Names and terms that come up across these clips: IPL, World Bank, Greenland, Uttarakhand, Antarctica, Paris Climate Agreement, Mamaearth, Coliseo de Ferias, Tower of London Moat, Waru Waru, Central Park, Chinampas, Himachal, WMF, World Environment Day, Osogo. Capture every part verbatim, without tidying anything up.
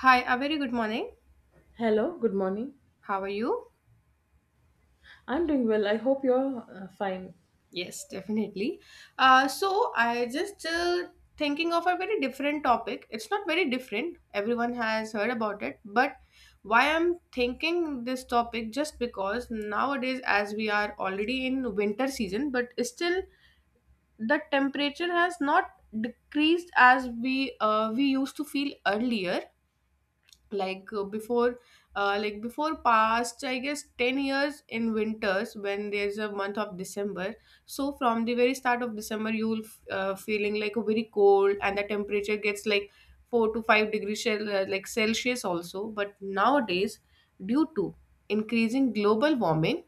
Hi, a very good morning. Hello, good morning. How are you? I'm doing well. I hope you're uh, fine. Yes, definitely. Uh, so I just uh, thinking of a very different topic. It's not very different. Everyone has heard about it, but why I'm thinking this topic just because nowadays, as we are already in winter season, but still the temperature has not decreased as we uh, we used to feel earlier, like uh, before, uh, like before past I guess ten years. In winters, when there's a month of December, so from the very start of December you'll f- uh, feeling like very cold, and the temperature gets like four to five degrees cel- uh, like celsius also. But nowadays, due to increasing global warming,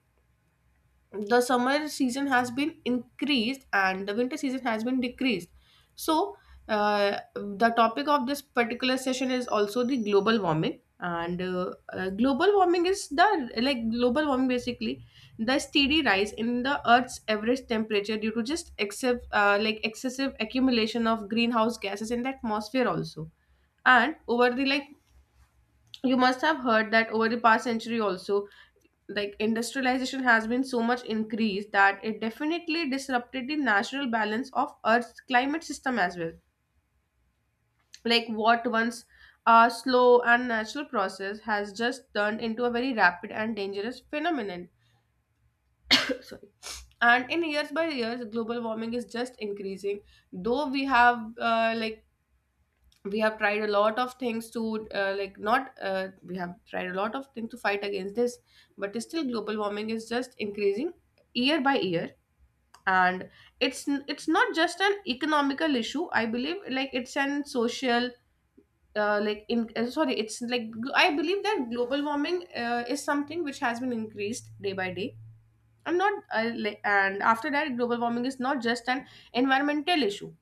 the summer season has been increased and the winter season has been decreased. So uh, the topic of this particular session is also the global warming, and uh, uh, global warming is the, like, global warming, basically the steady rise in the earth's average temperature due to just excessive uh, like excessive accumulation of greenhouse gases in the atmosphere also. And over the, like, you must have heard that over the past century also, like industrialization has been so much increased that it definitely disrupted the natural balance of earth's climate system as well. Like, what once a slow and natural process has just turned into a very rapid and dangerous phenomenon. Sorry. And in years by years, global warming is just increasing. Though we have uh, like we have tried a lot of things to uh, like not uh, we have tried a lot of things to fight against this, but still global warming is just increasing year by year. And it's n- it's not just an economical issue, I believe. Like, it's an social, uh, like in uh, sorry it's like gl- I believe that global warming uh, is something which has been increased day by day. I'm not uh, like, And after that, global warming is not just an environmental issue.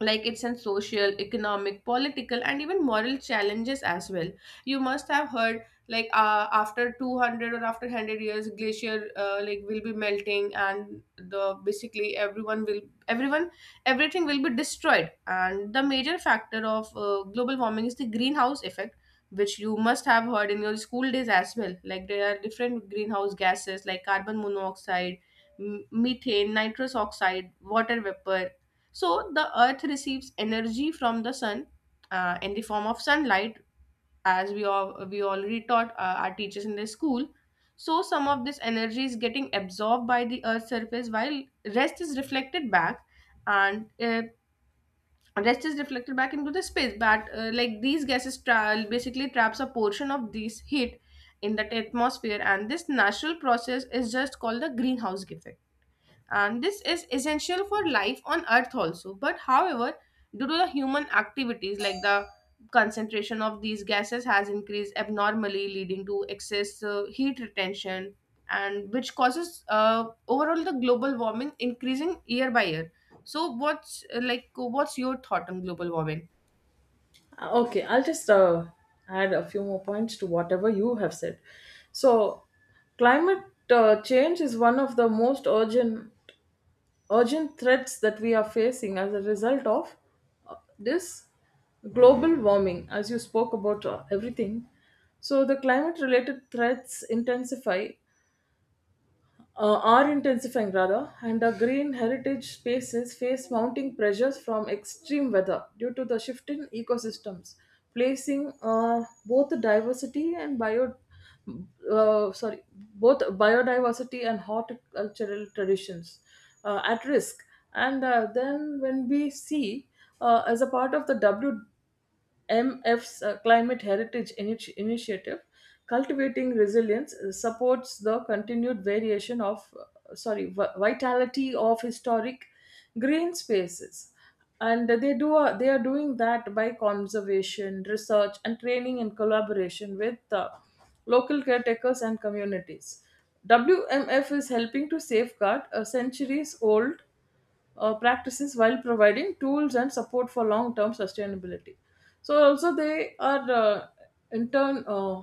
Like, it's in social, economic, political, and even moral challenges as well. You must have heard, like, uh, after two hundred or after one hundred years, glacier uh, like will be melting, and the basically everyone will, everyone everything will be destroyed. And the major factor of uh, global warming is the greenhouse effect, which you must have heard in your school days as well. Like, there are different greenhouse gases like carbon monoxide, m- methane, nitrous oxide, water vapor. So the earth receives energy from the sun uh, in the form of sunlight, as we all, we already taught uh, our teachers in the school. So some of this energy is getting absorbed by the earth's surface, while rest is reflected back, and uh, rest is reflected back into the space. But uh, like these gases tra- basically traps a portion of this heat in that atmosphere, and this natural process is just called the greenhouse effect. And this is essential for life on earth also. But however, due to the human activities, like the concentration of these gases has increased abnormally, leading to excess uh, heat retention, and which causes uh, overall the global warming increasing year by year. So what's uh, like what's your thought on global warming? Uh, Okay, I'll just uh, add a few more points to whatever you have said. So, climate uh, change is one of the most urgent urgent threats that we are facing as a result of uh, this global warming, as you spoke about uh, everything. So the climate related threats intensify uh, are intensifying, rather, and the green heritage spaces face mounting pressures from extreme weather due to the shift in ecosystems, placing uh, both diversity and bio, uh, sorry, both biodiversity and horticultural traditions uh, at risk. And uh, then when we see uh, as a part of the M F's uh, Climate Heritage Initi- Initiative, cultivating resilience uh, supports the continued variation of, uh, sorry, vi- vitality of historic green spaces. And they do uh, they are doing that by conservation, research, and training in collaboration with uh, local caretakers and communities. W M F is helping to safeguard a centuries old uh, practices while providing tools and support for long-term sustainability. So also they are uh, in turn uh,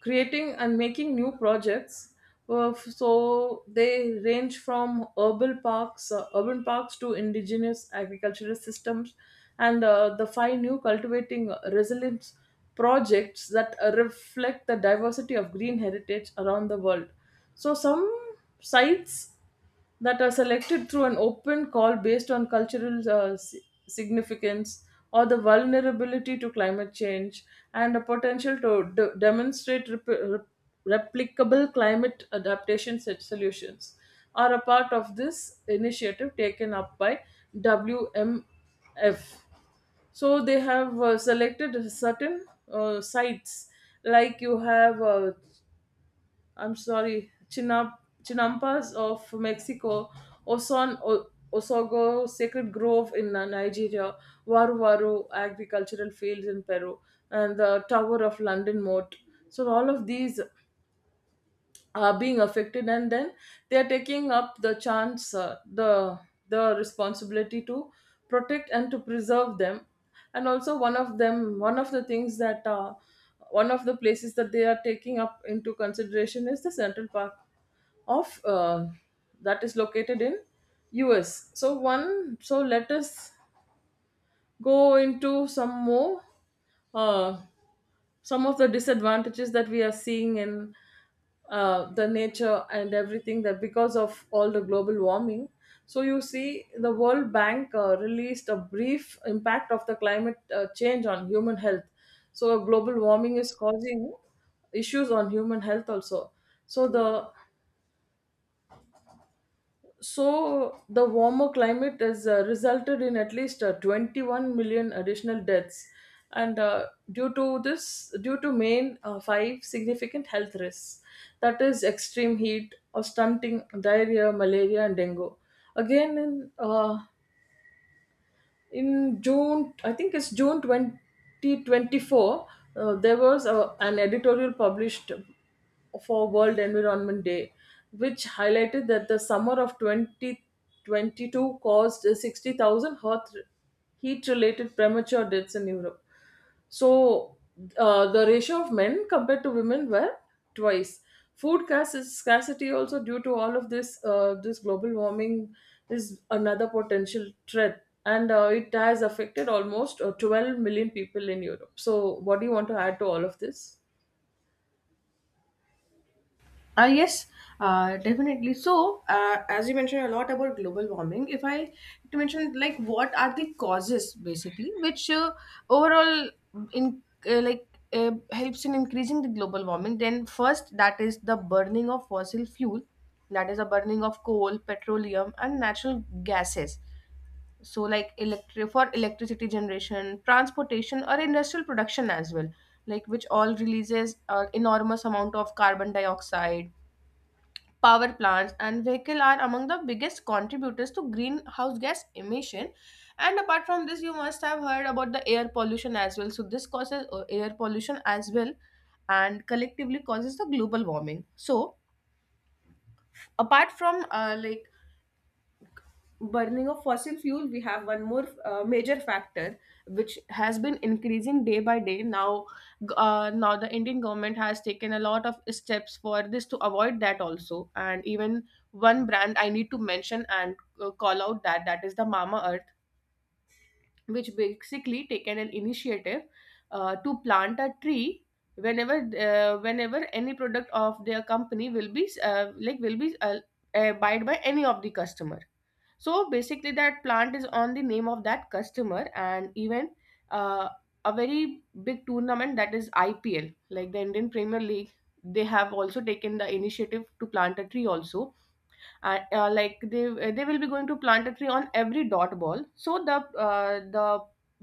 creating and making new projects. Uh, f- so they range from urban parks, uh, urban parks to indigenous agricultural systems, and uh, the five new cultivating resilience projects that uh, reflect the diversity of green heritage around the world. So some sites that are selected through an open call based on cultural uh, si- significance or the vulnerability to climate change and a potential to de- demonstrate rep- rep- replicable climate adaptation set solutions are a part of this initiative taken up by W M F. So they have uh, selected certain uh, sites, like you have uh, I'm sorry, Chinam- Chinampas of Mexico, Oson o- Osogo Sacred Grove in uh, Nigeria, Waru Waru agricultural fields in Peru, and the Tower of London Moat. So all of these are being affected, and then they are taking up the chance, uh, the the responsibility to protect and to preserve them. And also one of them, one of the things that uh, one of the places that they are taking up into consideration is the Central Park of uh, that is located in U S. So one so let us go into some more uh, some of the disadvantages that we are seeing in uh, the nature and everything, that because of all the global warming. So you see, the World Bank uh, released a brief impact of the climate uh, change on human health. So global warming is causing issues on human health also. So the So the warmer climate has uh, resulted in at least uh, twenty-one million additional deaths, and uh, due to this, due to main uh, five significant health risks, that is extreme heat or stunting, diarrhea, malaria, and dengue. Again, in uh, in June, I think it's June twenty twenty-four, uh, there was a, an editorial published for World Environment Day, which highlighted that the summer of twenty twenty-two caused sixty thousand heat related premature deaths in Europe. So uh, the ratio of men compared to women were twice. Food scarc- scarcity also due to all of this uh, this global warming is another potential threat, and uh, it has affected almost uh, twelve million people in Europe. So what do you want to add to all of this? Uh, yes, uh, definitely. So, uh, as you mentioned a lot about global warming, if I to mention like what are the causes basically, which uh, overall in, uh, like uh, helps in increasing the global warming, then first, that is the burning of fossil fuel, that is the burning of coal, petroleum, and natural gases. So, like, electric for electricity generation, transportation, or industrial production as well, like which all releases uh, enormous amount of carbon dioxide. Power plants and vehicle are among the biggest contributors to greenhouse gas emission. And apart from this, you must have heard about the air pollution as well, so this causes uh, air pollution as well, and collectively causes the global warming. So apart from uh, like burning of fossil fuel, we have one more uh, major factor which has been increasing day by day now. G- uh, now the Indian government has taken a lot of steps for this to avoid that also. And even one brand I need to mention and uh, call out, that that is the Mama Earth, which basically taken an initiative uh, to plant a tree whenever, uh, whenever any product of their company will be uh, like will be uh, uh, bought by any of the customer. So basically that plant is on the name of that customer. And even uh, a very big tournament, that is IPL, like the Indian Premier League, they have also taken the initiative to plant a tree also. And uh, like they they will be going to plant a tree on every dot ball. So the uh, the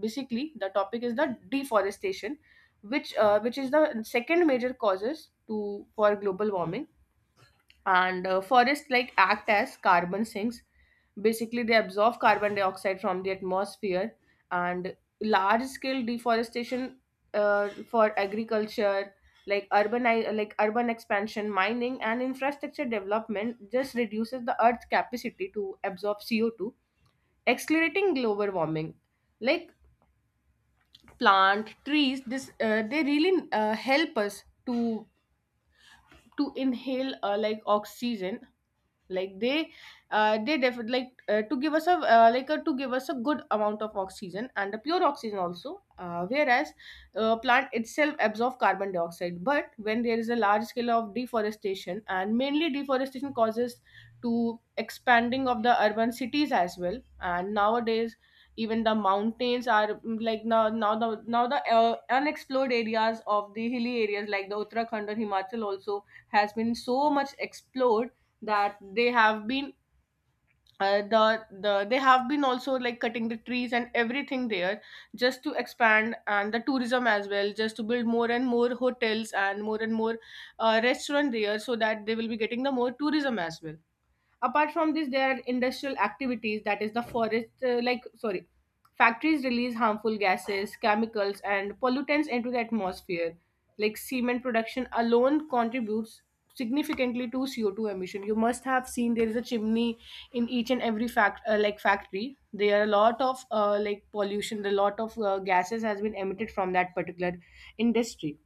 basically the topic is the deforestation, which uh, which is the second major causes to for global warming. And uh, forests like act as carbon sinks, basically they absorb carbon dioxide from the atmosphere. And large scale deforestation uh, for agriculture, like urban, like urban expansion, mining, and infrastructure development just reduces the earth's capacity to absorb C O two, accelerating global warming. Like, plant trees, this uh, they really uh, help us to to inhale uh, like oxygen. Like, they uh, they def- like uh, to give us a uh, like a, to give us a good amount of oxygen and the pure oxygen also. Uh, whereas uh, plant itself absorb carbon dioxide, but when there is a large scale of deforestation. And mainly deforestation causes to expanding of the urban cities as well. And nowadays, even the mountains are mm, like now now the now the uh, unexplored areas of the hilly areas like the Uttarakhand or Himachal also, has been so much explored that they have been, uh, the the they have been also like cutting the trees and everything there, just to expand and the tourism as well, just to build more and more hotels and more and more uh, restaurant there, so that they will be getting the more tourism as well. Apart from this, there are industrial activities, that is the forest uh, like sorry factories release harmful gases, chemicals, and pollutants into the atmosphere. Like, cement production alone contributes significantly to C O two emission. You must have seen there is a chimney in each and every fact uh, like factory. There are a lot of uh, like pollution, a lot of uh, gases has been emitted from that particular industry.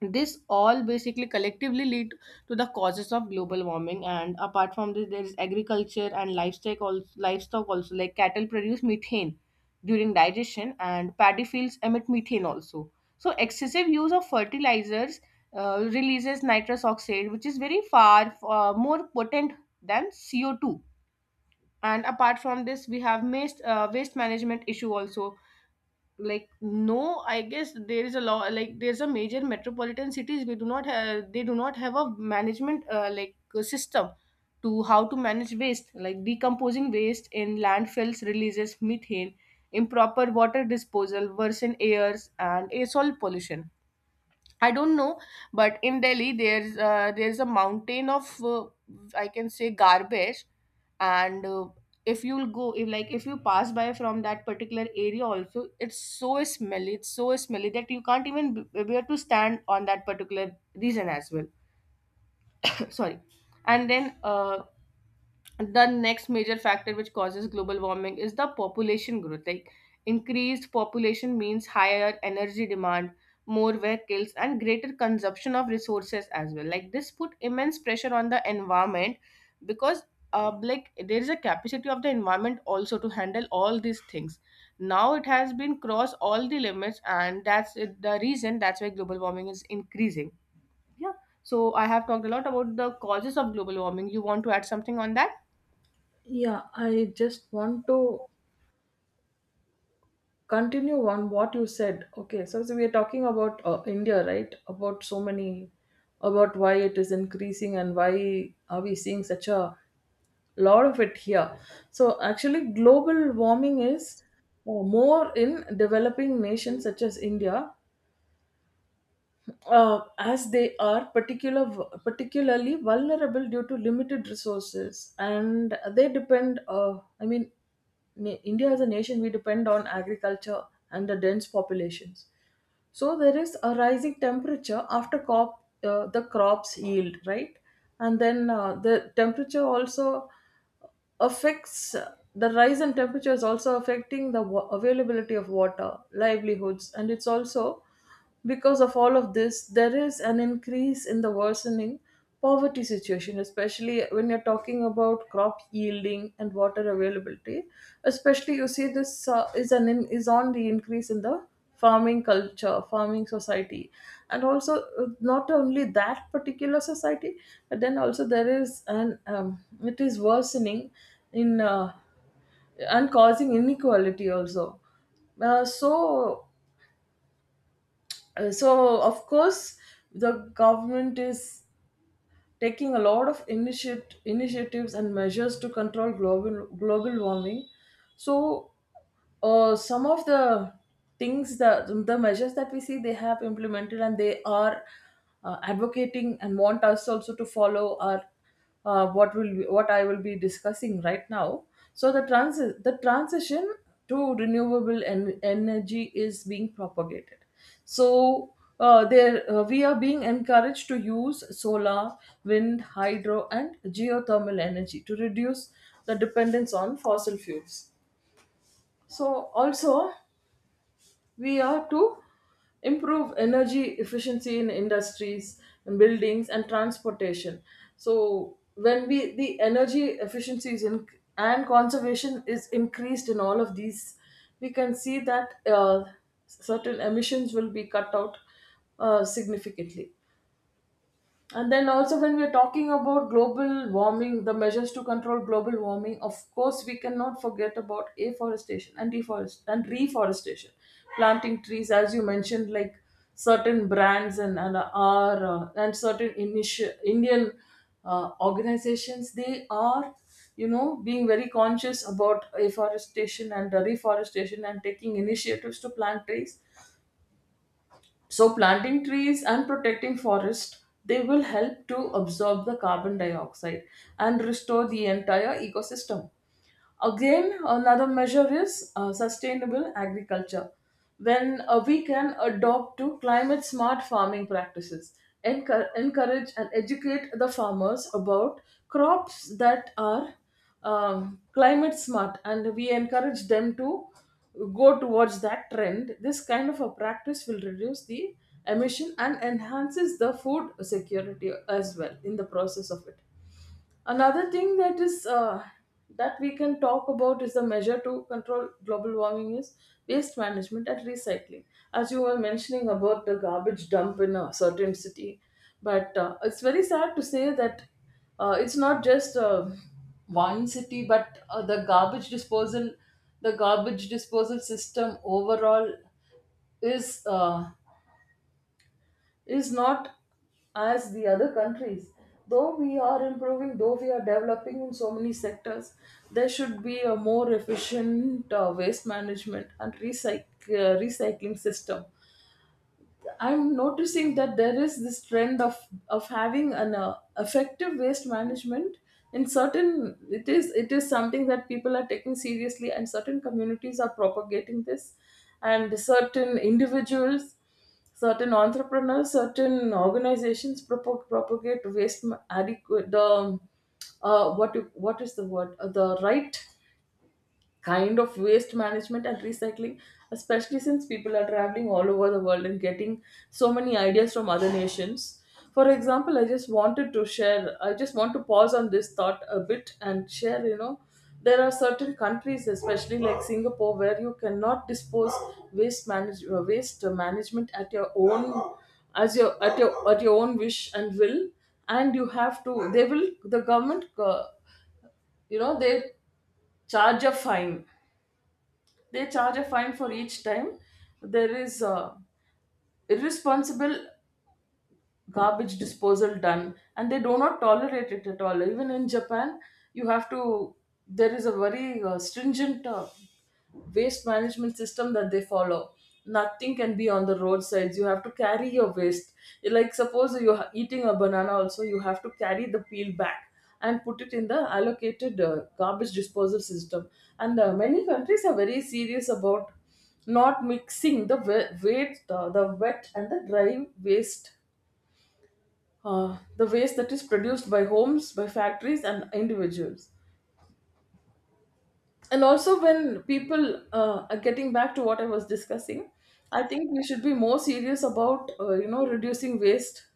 This all basically collectively lead to the causes of global warming. And apart from this, there is agriculture and livestock also. Livestock also like, cattle produce methane during digestion, and paddy fields emit methane also. So excessive use of fertilizers uh, releases nitrous oxide, which is very far, uh, more potent than C O two. And apart from this, we have waste, uh, waste management issue also. Like, no, I guess there is a law. Like, there's a major metropolitan cities, we do not have they do not have a management uh, like uh, system to how to manage waste. Like, decomposing waste in landfills releases methane, improper water disposal worsen airs and air soil pollution. I don't know, but in Delhi there's, uh, there's a mountain of, uh, I can say garbage. And uh, if you'll go, if like if you pass by from that particular area also, it's so smelly, it's so smelly that you can't even b- bear to stand on that particular reason as well. Sorry. And then uh, the next major factor which causes global warming is the population growth. Like, increased population means higher energy demand, more vehicles, and greater consumption of resources as well. Like, this put immense pressure on the environment, because uh, like there is a capacity of the environment also to handle all these things. Now it has been crossed all the limits, and that's it- the reason that's why global warming is increasing. Yeah. So I have talked a lot about the causes of global warming. You want to add something on that? Yeah, I just want to continue on what you said. Okay, so, so we are talking about uh, India, right? About so many, about why it is increasing and why are we seeing such a lot of it here. So actually, global warming is uh, more in developing nations such as India, uh, as they are particular particularly vulnerable due to limited resources, and they depend. Uh, I mean, na- India as a nation, we depend on agriculture and the dense populations. So there is a rising temperature after crop, uh, the crops yield, right? And then uh, the temperature also affects, the rise in temperature is also affecting the wa- availability of water livelihoods, and it's also because of all of this there is an increase in the worsening poverty situation, especially when you're talking about crop yielding and water availability. Especially, you see, this uh, is an in, is on the increase in the farming culture, farming society, and also uh, not only that particular society, but then also there is an um, it is worsening in uh, and causing inequality also. Uh, so uh, so of course the government is taking a lot of initiat- initiatives and measures to control global global warming. So, uh, some of the things the the measures that we see they have implemented and they are uh, advocating and want us also to follow are uh, what will be, what I will be discussing right now. So the trans the transition to renewable en- energy is being propagated. So uh, there uh, we are being encouraged to use solar, wind, hydro, and geothermal energy to reduce the dependence on fossil fuels. So also we are to improve energy efficiency in industries and buildings and transportation. So when we the energy efficiency is in, and conservation is increased in all of these, we can see that uh, certain emissions will be cut out uh, significantly. And then also when we're talking about global warming, the measures to control global warming, of course we cannot forget about afforestation and deforest and reforestation, planting trees as you mentioned, like certain brands and and are uh, and certain initi- Indian uh, organizations, they are, you know, being very conscious about afforestation and uh, reforestation and taking initiatives to plant trees. So planting trees and protecting forest, they will help to absorb the carbon dioxide and restore the entire ecosystem. Again, another measure is uh, sustainable agriculture. When uh, we can adopt to climate smart farming practices, encour- encourage and educate the farmers about crops that are um, climate smart, and we encourage them to go towards that trend. This kind of a practice will reduce the emission and enhances the food security as well in the process of it. Another thing that is uh, that we can talk about is the measure to control global warming is waste management and recycling. As you were mentioning about the garbage dump in a certain city, but uh, it's very sad to say that uh, it's not just uh, one city, but uh, the garbage disposal, the garbage disposal system overall is uh, is not as the other countries. Though we are improving, though we are developing in so many sectors, there should be a more efficient uh, waste management and recyc- uh, recycling system. I'm noticing that there is this trend of of having an uh, effective waste management in certain, it is it is something that people are taking seriously, and certain communities are propagating this, and certain individuals, certain entrepreneurs, certain organizations propag- propagate waste ma- adequate the uh, what you- what is the word Uh, the right kind of waste management and recycling, especially since people are traveling all over the world and getting so many ideas from other nations. For example, I just wanted to share, I just want to pause on this thought a bit and share, you know, there are certain countries, especially like Singapore, where you cannot dispose waste manage uh, waste management at your own, as your at your at your own wish and will, and you have to. They will the government, uh, you know, they charge a fine they charge a fine for each time there is uh, irresponsible garbage disposal done, and they do not tolerate it at all. Even in Japan, you have to, there is a very uh, stringent uh, waste management system that they follow. Nothing can be on the roadsides, you have to carry your waste. Like suppose you're eating a banana, also you have to carry the peel back and put it in the allocated uh, garbage disposal system. And uh, many countries are very serious about not mixing the wet, the wet and the dry waste, uh, the waste that is produced by homes, by factories, and individuals. And also, when people uh, are, getting back to what I was discussing, I think we should be more serious about uh, you know, reducing waste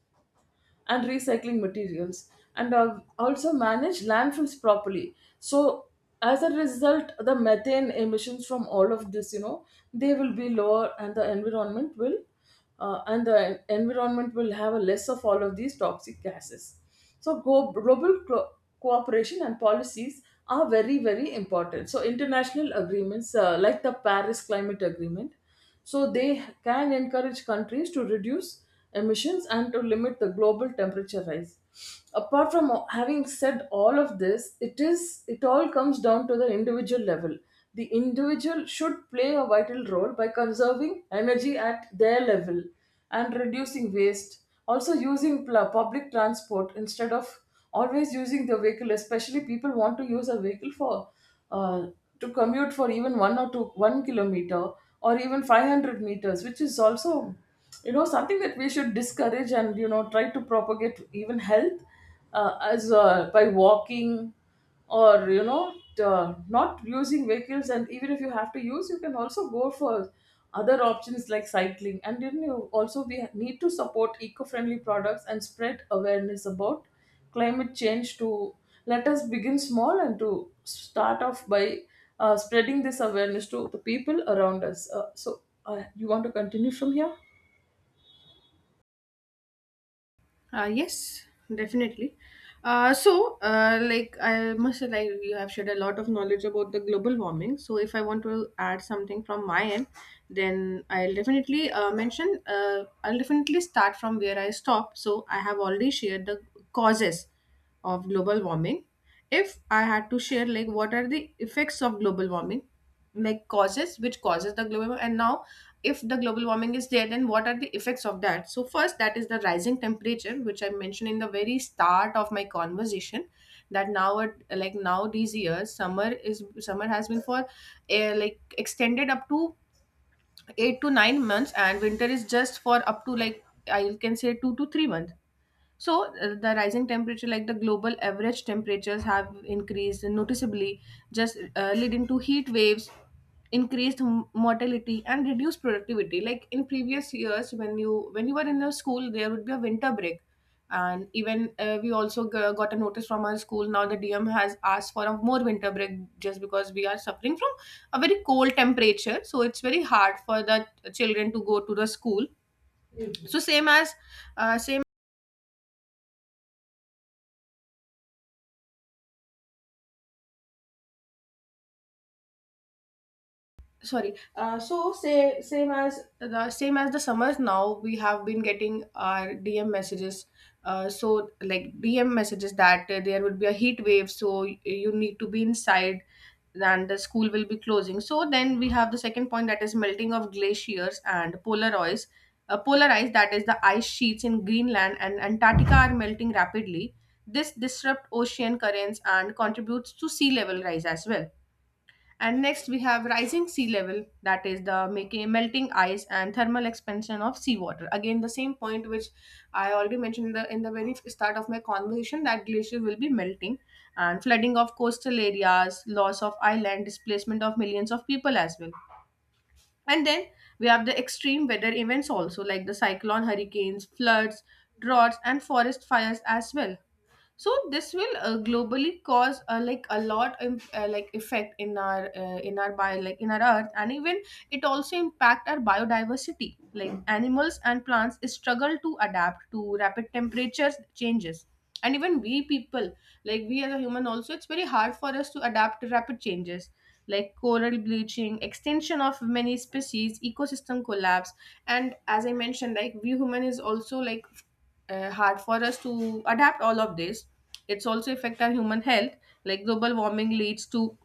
and recycling materials, and uh, also manage landfills properly, so as a result the methane emissions from all of this, you know, they will be lower, and the environment will uh, and the environment will have a less of all of these toxic gases. So go- global co- cooperation and policies are very, very important. So international agreements uh, like the Paris Climate Agreement, so they can encourage countries to reduce emissions and to limit the global temperature rise. Apart from having said all of this, it is it all comes down to the individual level. The individual should play a vital role by conserving energy at their level and reducing waste. Also, using pl- public transport instead of always using the vehicle, especially people want to use a vehicle for uh, to commute for even one or two one kilometer or even five hundred meters, which is also you know something that we should discourage, and you know try to propagate even health uh, as uh, by walking or you know t- uh, not using vehicles. And even if you have to use, you can also go for other options like cycling. And then you also we need to support eco-friendly products and spread awareness about climate change. To let us begin small and to start off by uh, spreading this awareness to the people around us. Uh, so, uh, you want to continue from here? Uh, yes, definitely. Uh, so, uh, like, I must say, like you have shared a lot of knowledge about the global warming. So, if I want to add something from my end, then I'll definitely uh, mention. Uh, I'll definitely start from where I stopped. So, I have already shared the causes of global warming. If I had to share like what are the effects of global warming, like causes which causes the global warming, and now if the global warming is there, then what are the effects of that? So first that is the rising temperature, which I mentioned in the very start of my conversation, that now at- like now these years summer is summer has been for uh, like extended up to eight to nine months, and winter is just for up to like I can say two to three months. So, uh, the rising temperature, like the global average temperatures, have increased noticeably, just uh, leading to heat waves, increased m- mortality, and reduced productivity. Like in previous years, when you when you were in a school, there would be a winter break, and even uh, we also g- got a notice from our school. Now the D M has asked for a more winter break just because we are suffering from a very cold temperature. So it's very hard for the children to go to the school. So same as uh, same sorry uh, so say same as the same as the summers, now we have been getting our D M messages, uh, so like D M messages that uh, there would be a heat wave, so y- you need to be inside and the school will be closing. So then we have the second point, that is melting of glaciers and polar ice. Uh, polar ice, that is the ice sheets in Greenland and Antarctica are melting rapidly. This disrupt ocean currents and contributes to sea level rise as well. And next we have rising sea level, that is the making melting ice and thermal expansion of seawater. Again, the same point which I already mentioned in the in the very start of my conversation, that glacier will be melting and flooding of coastal areas, loss of island, displacement of millions of people as well. And then we have the extreme weather events also, like the cyclone, hurricanes, floods, droughts, and forest fires as well. So this will uh, globally cause uh, like a lot um, uh, like effect in our uh, in our bio like in our earth, and even it also impact our biodiversity, like animals and plants struggle to adapt to rapid temperature changes. And even we people, like we as a human also, it's very hard for us to adapt to rapid changes, like coral bleaching, extinction of many species, ecosystem collapse. And as I mentioned, like we human is also like uh, hard for us to adapt all of this. It's also affect our human health. Like global warming leads to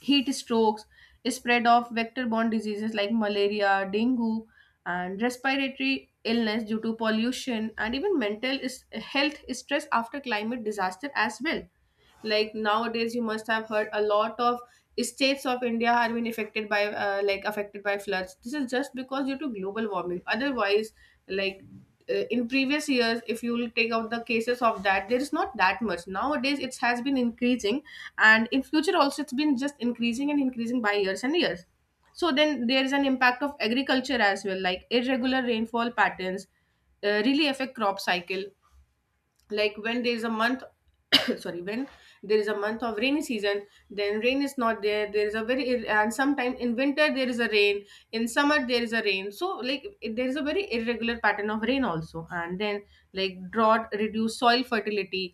heat strokes, spread of vector borne diseases like malaria, dengue, and respiratory illness due to pollution, and even mental is- health stress after climate disaster as well. Like nowadays, you must have heard a lot of states of India are being affected by uh, like affected by floods. This is just because due to global warming. Otherwise, like uh, in previous years, if you will take out the cases of that, there is not that much. Nowadays it has been increasing, and in future also it's been just increasing and increasing by years and years. So then there is an impact of agriculture as well, like irregular rainfall patterns uh, really affect crop cycle. Like when there is a month sorry, when there is a month of rainy season, then rain is not there. There is a very, and sometimes in winter there is a rain, in summer there is a rain. So like it- there is a very irregular pattern of rain also. And then like drought reduce soil fertility,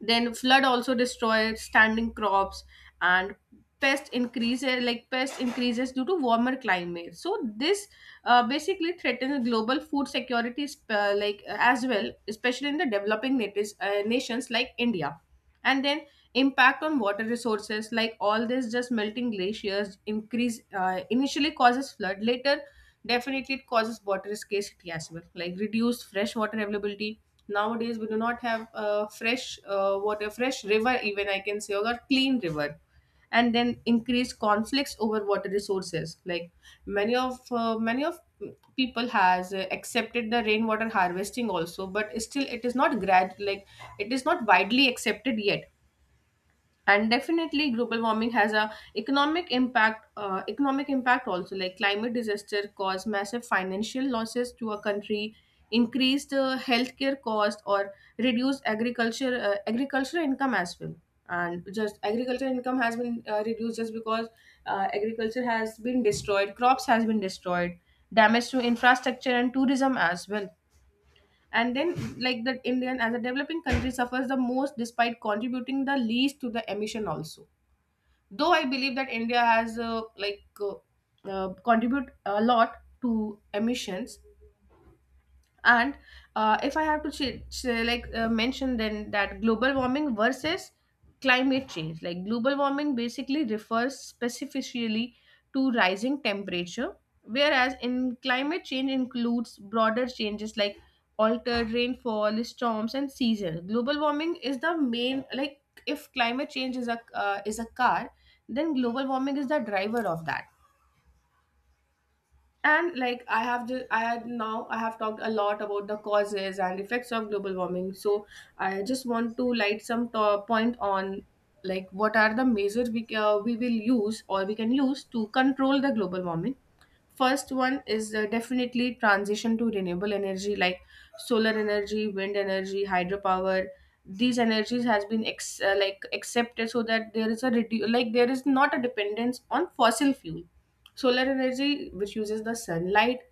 then flood also destroys standing crops, and pest increases like pest increases due to warmer climate. So this uh, basically threatens global food security sp- uh, like uh, as well, especially in the developing natives, uh, nations like India. And then impact on water resources, like all this just melting glaciers increase uh, initially causes flood later. Definitely it causes water scarcity as well, like reduced fresh water availability. Nowadays we do not have uh, fresh uh, water fresh river, even I can say, or a clean river. And then increased conflicts over water resources, like many of uh, many of people has uh, accepted the rainwater harvesting also, but still it is not grad like it is not widely accepted yet. And definitely global warming has a economic impact uh, economic impact also, like climate disaster cause massive financial losses to a country, increased uh, healthcare cost, or reduced agriculture uh, agricultural income as well. And just agriculture income has been uh, reduced just because uh, agriculture has been destroyed, crops has been destroyed, damage to infrastructure and tourism as well. And then like the Indian as a developing country suffers the most despite contributing the least to the emission also. Though I believe that India has uh, like uh, uh, contribute a lot to emissions. And uh, if I have to ch- ch- like uh, mention then that global warming versus climate change, like global warming basically refers specifically to rising temperature, whereas in climate change includes broader changes like altered rainfall, storms, and seasons. Global warming is the main, like if climate change is a uh, is a car, then global warming is the driver of that. And like I have just I had now I have talked a lot about the causes and effects of global warming. So I just want to light some to- point on like what are the measures we ca- we will use or we can use to control the global warming. First one is uh, definitely transition to renewable energy, like solar energy, wind energy, hydropower. These energies has been ex- uh, like accepted so that there is a redu- like there is not a dependence on fossil fuel. Solar energy, which uses the sunlight,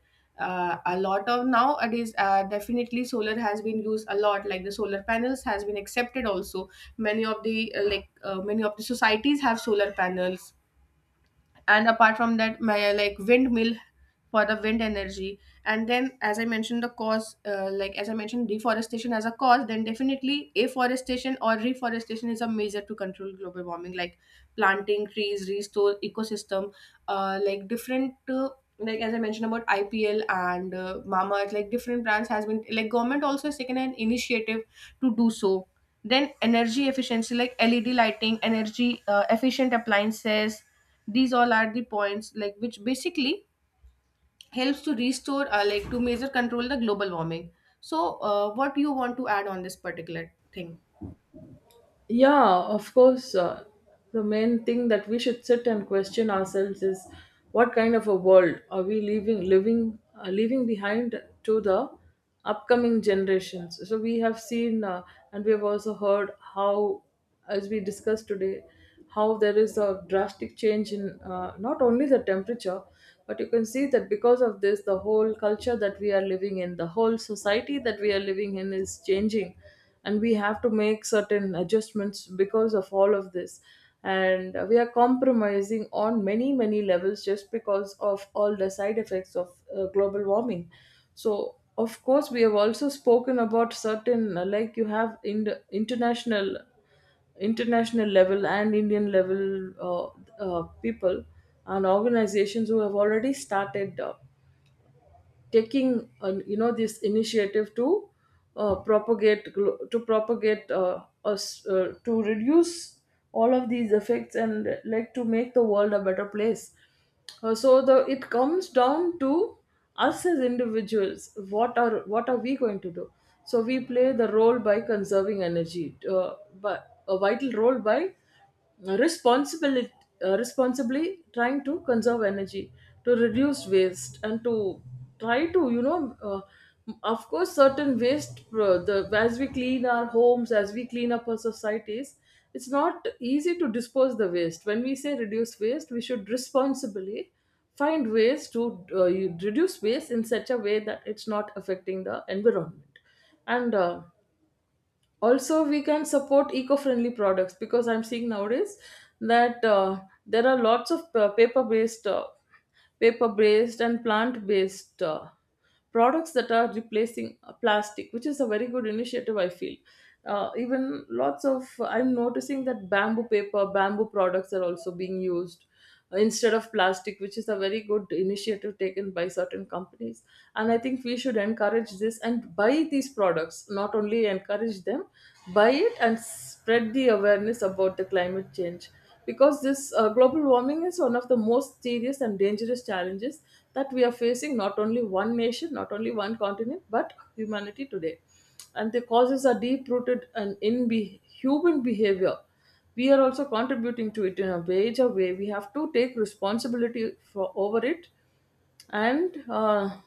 uh, a lot of nowadays uh, definitely solar has been used a lot. Like the solar panels has been accepted also. Many of the uh, like uh, many of the societies have solar panels. And apart from that, my uh, like windmill for the wind energy. And then as I mentioned the cause, uh, like as I mentioned deforestation as a cause, then definitely afforestation or reforestation is a measure to control global warming, like planting trees restore ecosystem. uh, like different uh, like as I mentioned about I P L and uh, Mamaearth, like different brands has been, like government also has taken an initiative to do so. Then energy efficiency, like L E D lighting, energy uh, efficient appliances, these all are the points like which basically helps to restore uh, like to measure control the global warming. So, uh, what do you want to add on this particular thing? Yeah, of course. Uh, the main thing that we should sit and question ourselves is what kind of a world are we leaving, living, uh, leaving behind to the upcoming generations? So we have seen, uh, and we have also heard how, as we discussed today, how there is a drastic change in, uh, not only the temperature, but you can see that because of this, the whole culture that we are living in, the whole society that we are living in is changing, and we have to make certain adjustments because of all of this. And uh, we are compromising on many, many levels just because of all the side effects of uh, global warming. So, of course, we have also spoken about certain, uh, like you have in international international level and Indian level, uh, uh, people and organizations who have already started uh, taking, uh, you know, this initiative to uh, propagate glo- to propagate uh, us uh, to reduce all of these effects and like to make the world a better place. Uh, so the it comes down to us as individuals, what are what are we going to do? So we play the role by conserving energy, uh, but a vital role by responsibly, uh, responsibly trying to conserve energy, to reduce waste, and to try to, you know, uh, of course, certain waste, uh, the, as we clean our homes, as we clean up our societies, it's not easy to dispose the waste. When we say reduce waste, we should responsibly find ways to uh, you- reduce waste in such a way that it's not affecting the environment. And uh, also we can support eco-friendly products, because I'm seeing nowadays that uh, there are lots of uh, paper-based uh, paper-based and plant-based uh, products that are replacing uh, plastic, which is a very good initiative I feel. Uh, even lots of, I'm noticing that bamboo paper bamboo products are also being used instead of plastic, which is a very good initiative taken by certain companies. And I think we should encourage this and buy these products, not only encourage them, buy it and spread the awareness about the climate change. Because this uh, global warming is one of the most serious and dangerous challenges that we are facing, not only one nation, not only one continent, but humanity today. And the causes are deep rooted and in be- human behavior. We are also contributing to it in a major way. We have to take responsibility for over it. And uh,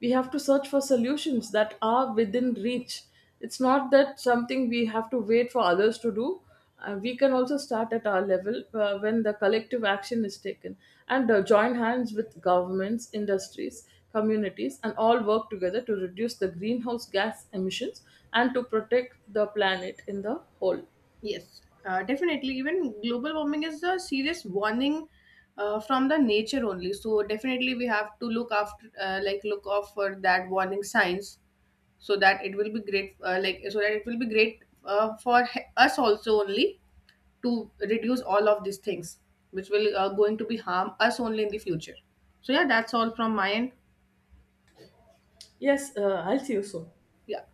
we have to search for solutions that are within reach. It's not that something we have to wait for others to do. Uh, we can also start at our level. Uh, when the collective action is taken, and uh, join hands with governments, industries, communities, and all work together to reduce the greenhouse gas emissions and to protect the planet in the whole. Yes, uh, definitely. Even global warming is a serious warning uh, from the nature only. So definitely we have to look after, uh, like look out for that warning signs, so that it will be great, uh, like so that it will be great uh, for he- us also only to reduce all of these things, which will uh, going to be harm us only in the future. So yeah, that's all from my end. Yes, uh, I'll see you soon. Yeah.